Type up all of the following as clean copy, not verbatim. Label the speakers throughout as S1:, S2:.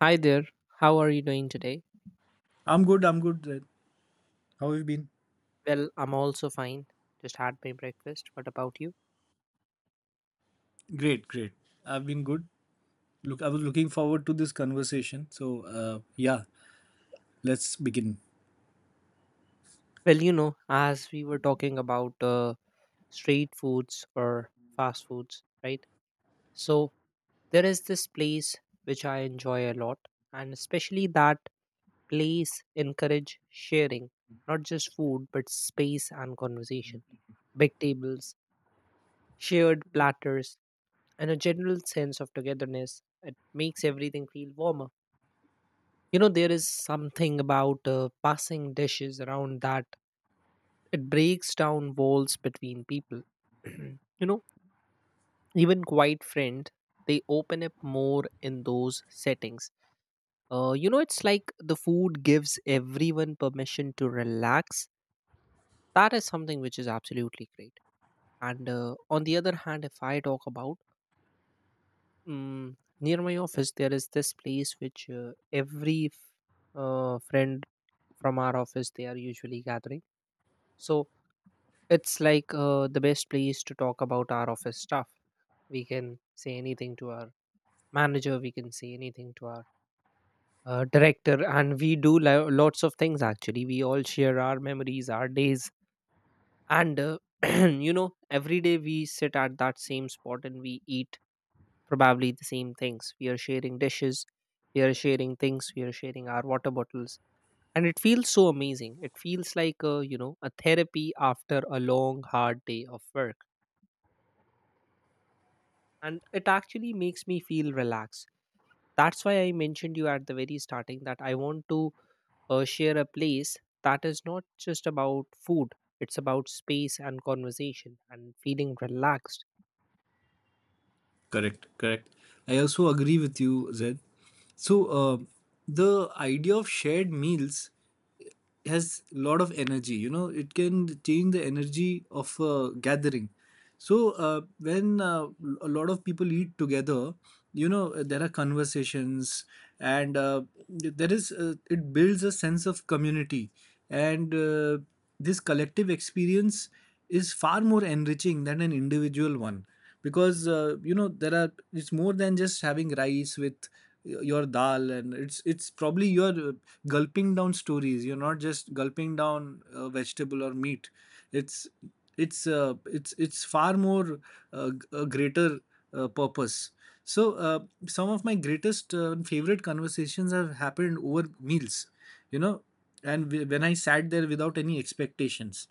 S1: Hi there. How are you doing today?
S2: I'm good. I'm good. Zaid. How have you been?
S1: Well, I'm also fine. Just had my breakfast. What about you?
S2: Great, great. I've been good. Look, I was looking forward to this conversation. So let's begin.
S1: Well, you know, as we were talking about street foods or fast foods, right? So there is this place which I enjoy a lot, and especially that place encourage sharing, not just food but space and conversation. Big tables, shared platters, and a general sense of togetherness. It makes everything feel warmer. You know, there is something about passing dishes around that it breaks down walls between people. You know, even quiet friend, they open up more in those settings. You know, it's like the food gives everyone permission to relax. That is something which is absolutely great. And on the other hand, if I talk about, near my office there is this place which, uh, friend from our office, they are usually gathering. So it's like the best place to talk about our office stuff. We can say anything to our manager, we can say anything to our director, and we do lots of things actually. We all share our memories, our days, and you know, every day we sit at that same spot and we eat probably the same things. We are sharing dishes, we are sharing things, we are sharing our water bottles. And it feels so amazing. It feels like, you know, a therapy after a long, hard day of work. And it actually makes me feel relaxed. That's why I mentioned you at the very starting that I want to share a place that is not just about food. It's about space and conversation and feeling relaxed.
S2: Correct, correct. I also agree with you, Zed. So the idea of shared meals has a lot of energy. You know, it can change the energy of a gathering. So when a lot of people eat together, you know, there are conversations and it builds a sense of community. And this collective experience is far more enriching than an individual one because you know there are it's more than just having rice with your dal and it's probably you're gulping down stories. You're not just gulping down vegetable or meat. It's it's uh, it's it's far more a greater purpose. So some of my greatest favorite conversations have happened over meals, you know. And when I sat there without any expectations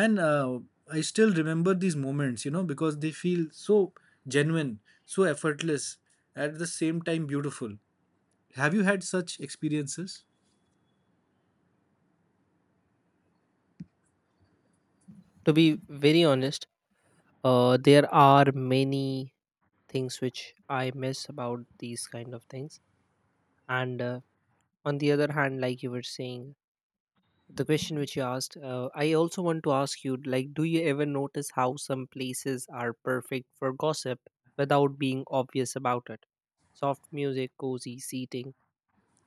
S2: and I still remember these moments, you know, because they feel so genuine, so effortless, at the same time beautiful. Have you had such experiences?
S1: To be very honest, there are many things which I miss about these kind of things. And on the other hand, like you were saying, the question which you asked, I also want to ask you, like, do you ever notice how some places are perfect for gossip without being obvious about it? Soft music, cozy seating,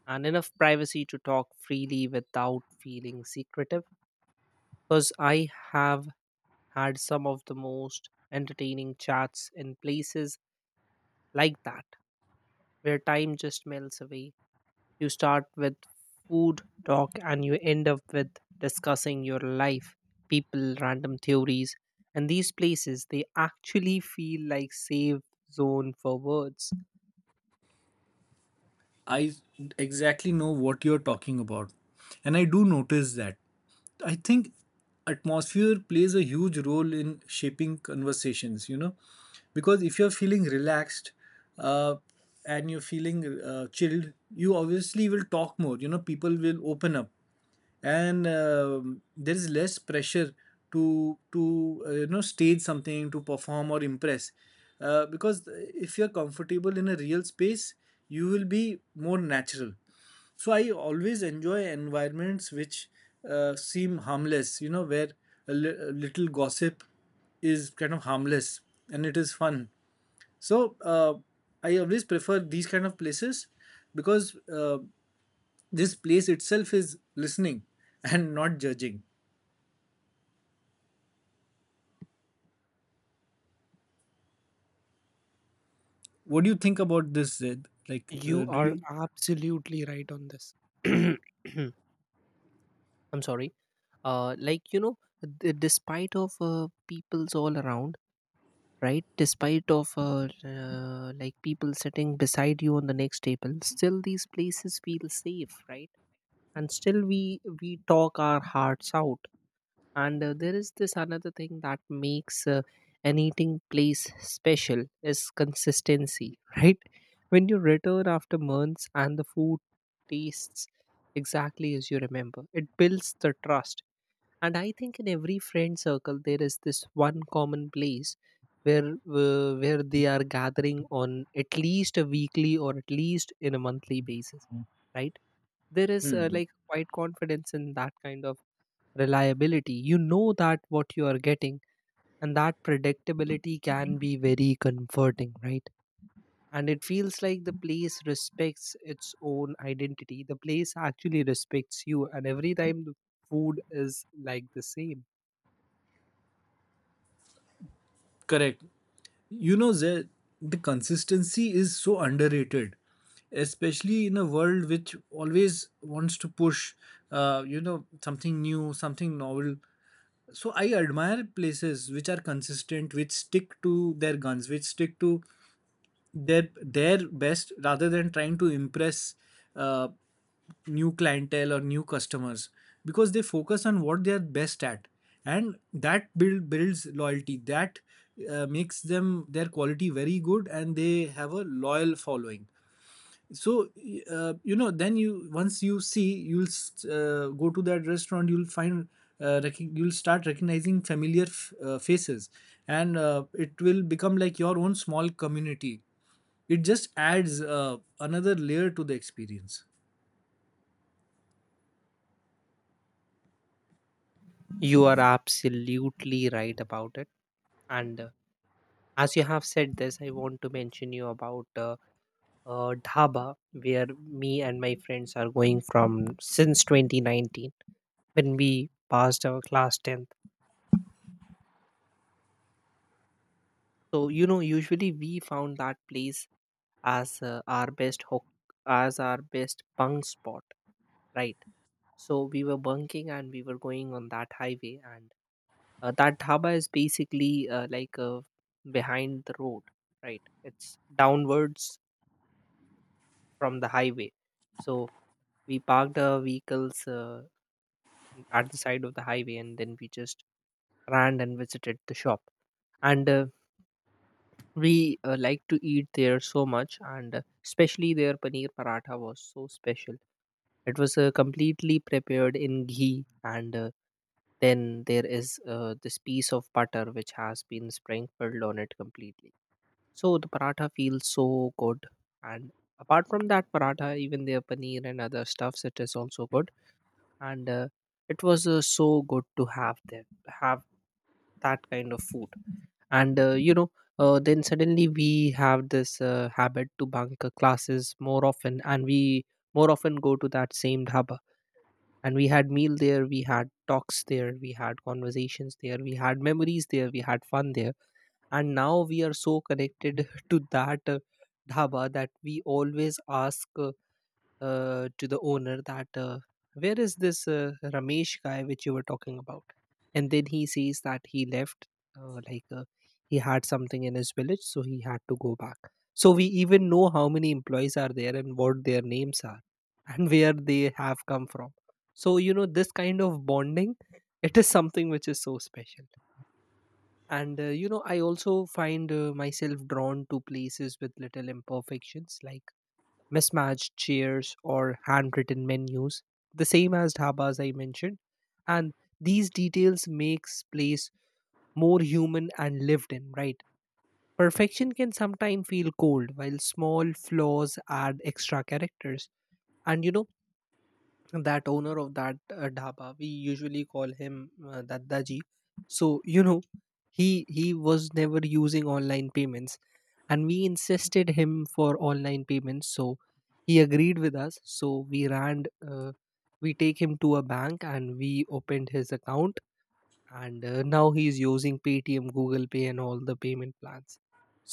S1: and enough privacy to talk freely without feeling secretive. Because I have had some of the most entertaining chats in places like that, where time just melts away. You start with food talk and you end up with discussing your life, people, random theories. And these places, they actually feel like safe zone for words.
S2: I exactly know what you're talking about, and I do notice that. I think atmosphere plays a huge role in shaping conversations, you know, because if you're feeling relaxed uh, and you're feeling chilled, you obviously will talk more, you know, people will open up and there is less pressure to you know, stage something, to perform or impress, because if you're comfortable in a real space you will be more natural. So I always enjoy environments which seem harmless, you know, where a little gossip is kind of harmless and it is fun. So I always prefer these kind of places because this place itself is listening and not judging. What do you think about this, Zed? Like,
S1: You
S2: do
S1: are
S2: you?
S1: absolutely right on this. I'm sorry. Like, you know, despite of people's all around, right? Despite of like people sitting beside you on the next table, still these places feel safe, right? And still we talk our hearts out. And there is this another thing that makes an eating place special is consistency. Right? When you return after months and the food tastes exactly as you remember, it builds the trust. And I think in every friend circle there is this one common place where, where they are gathering on at least a weekly or at least in a monthly basis, right? There is,
S2: Hmm.
S1: like, quite confidence in that kind of reliability. You know that what you are getting, and that predictability can be very comforting, right? And it feels like the place respects its own identity. The place actually respects you, and every time the food is like the same.
S2: Correct. You know, the consistency is so underrated, especially in a world which always wants to push, you know, something new, something novel. So I admire places which are consistent, which stick to their guns, which stick to their best rather than trying to impress uh, new clientele or new customers, because they focus on what they're best at, and that builds loyalty, that makes them, their quality, very good, and they have a loyal following. So you know, then you once you see you'll go to that restaurant, you'll find you'll start recognizing familiar faces, and it will become like your own small community. It just adds another layer to the experience.
S1: You are absolutely right about it. And as you have said this, I want to mention you about dhaba where me and my friends are going from since 2019, when we passed our class 10th. So, you know, usually we found that place as our best hook, as our best bunk spot, right? So we were bunking and we were going on that highway, and that dhaba is basically like behind the road, right? It's downwards from the highway. So we parked our vehicles at the side of the highway, and then we just ran and visited the shop. And we like to eat there so much, and especially their paneer paratha was so special. It was completely prepared in ghee, and then there is this piece of butter which has been sprinkled on it completely. So the paratha feels so good. And apart from that paratha, even their paneer and other stuffs, it is also good. And it was so good to have them have that kind of food. And you know, then suddenly we have this habit to bunk classes more often, and we more often go to that same dhaba. And we had meal there, we had talks there, we had conversations there, we had memories there, we had fun there. And now we are so connected to that dhaba that we always ask to the owner that, where is this Ramesh guy which you were talking about? And then he says that he left, uh, like uh, he had something in his village, so he had to go back. So we even know how many employees are there and what their names are and where they have come from. So you know this kind of bonding, it is something which is so special. And you know, I also find myself drawn to places with little imperfections, like mismatched chairs or handwritten menus, the same as dhabas I mentioned. And these details makes place more human and lived in, right? Perfection can sometimes feel cold, while small flaws add extra characters. And you know, that owner of that dhaba, we usually call him daddaji. So you know, he he was never using online payments, and we insisted him for online payments. So he agreed with us. So we ran, uh, we take him to a bank and we opened his account. And now he is using paytm, google pay, and all the payment plans.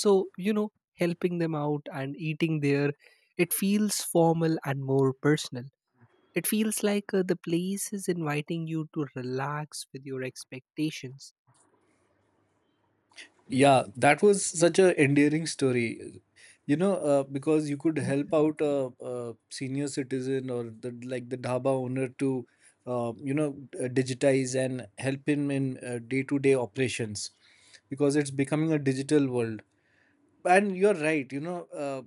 S1: So you know, helping them out and eating there, it feels formal and more personal. It feels like the place is inviting you to relax with your expectations.
S2: Yeah, that was such a endearing story. You know, because you could help out a senior citizen or the, like the dhaba owner to, you know, digitize and help him in day to day operations, because it's becoming a digital world. And you're right, you know,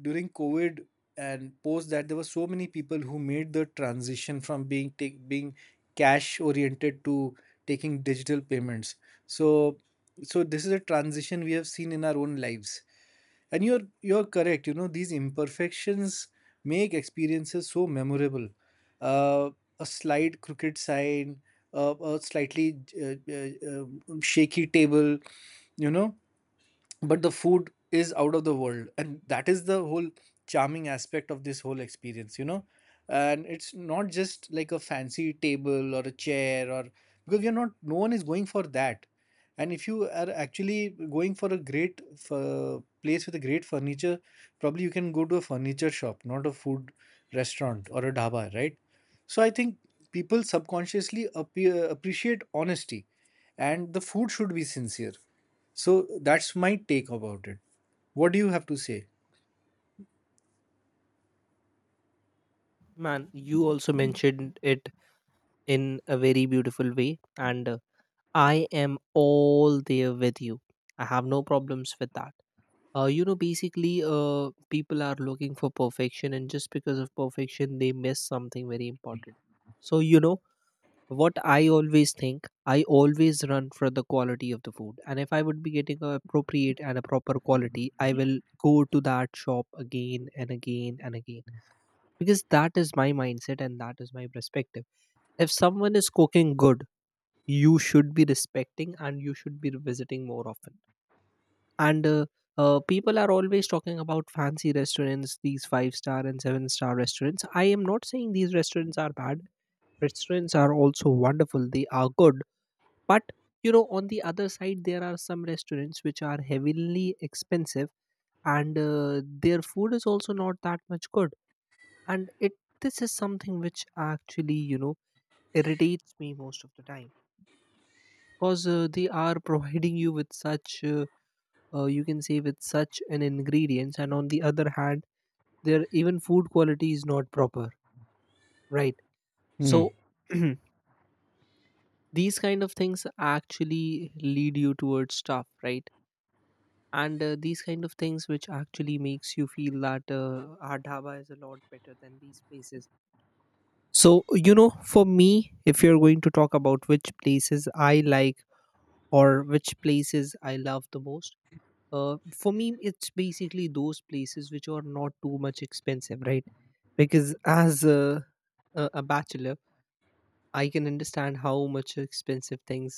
S2: during covid and post that, there were so many people who made the transition from being being cash oriented to taking digital payments. So so this is a transition we have seen in our own lives. And you're correct, you know, these imperfections make experiences so memorable. uh, a slight crooked sign, a slightly shaky table, you know, but the food is out of the world, and that is the whole charming aspect of this whole experience, you know. And it's not just like a fancy table or a chair or, because you're not, no one is going for that. And if you are actually going for a great place with a great furniture, probably you can go to a furniture shop, not a food restaurant or a dhaba, right? So I think people subconsciously appreciate honesty, and the food should be sincere. So that's my take about it. What do you have to say?
S1: Man, you also mentioned it in a very beautiful way, and I am all there with you. I have no problems with that. You know, basically, people are looking for perfection, and just because of perfection, they miss something very important. So, you know, what I always think, I always run for the quality of the food. And if I would be getting a appropriate and a proper quality, I will go to that shop again and again and again. Because that is my mindset and that is my perspective. If someone is cooking good, you should be respecting and you should be visiting more often. And people are always talking about fancy restaurants, these 5 star and 7 star restaurants. I am not saying these restaurants are bad. Restaurants are also wonderful. They are good, but you know, on the other side, there are some restaurants which are heavily expensive, and their food is also not that much good. And it this is something which actually, you know, irritates me most of the time, because they are providing you with such, you can say, with such an ingredients, and on the other hand, their even food quality is not proper, right? So these kind of things actually lead you towards stuff, right? And these kind of things which actually makes you feel that our dhaba is a lot better than these places. So you know, for me, if you're going to talk about which places I like or which places I love the most, for me it's basically those places which are not too much expensive, right? Because as a bachelor, I can understand how much expensive things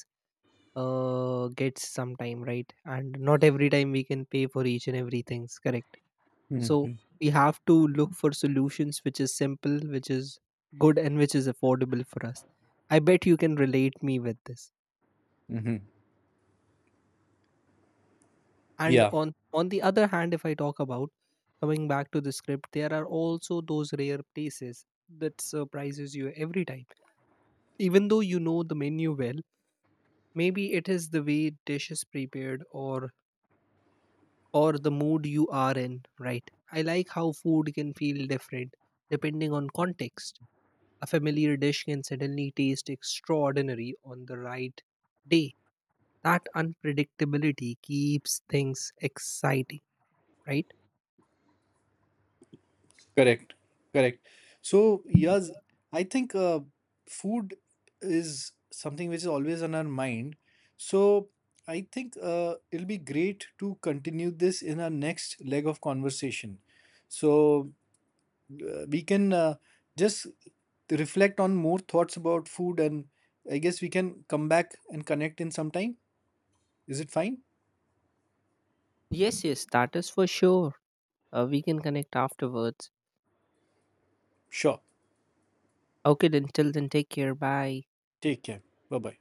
S1: gets sometime, right? And not every time we can pay for each and everything's correct. So
S2: Mm-hmm.
S1: we have to look for solutions which is simple, which is good, and which is affordable for us. I bet you can relate me with this.
S2: Hmm.
S1: And
S2: Yeah,
S1: on the other hand, if I talk about, coming back to the script, there are also those rare places that surprises you every time. Even though you know the menu well, maybe it is the way dish is prepared, or the mood you are in, right? I like how food can feel different depending on context. A familiar dish can suddenly taste extraordinary on the right day. That unpredictability keeps things exciting, right?
S2: correct. Correct. So, yes, I think food is something which is always on our mind. So, I think it'll be great to continue this in our next leg of conversation. So we can just reflect on more thoughts about food, and I guess we can come back and connect in some time. Is it fine?
S1: Yes, yes, that is for sure. We can connect afterwards.
S2: Sure.
S1: Okay, then till then, take care. Bye.
S2: ठीक है। Bye bye.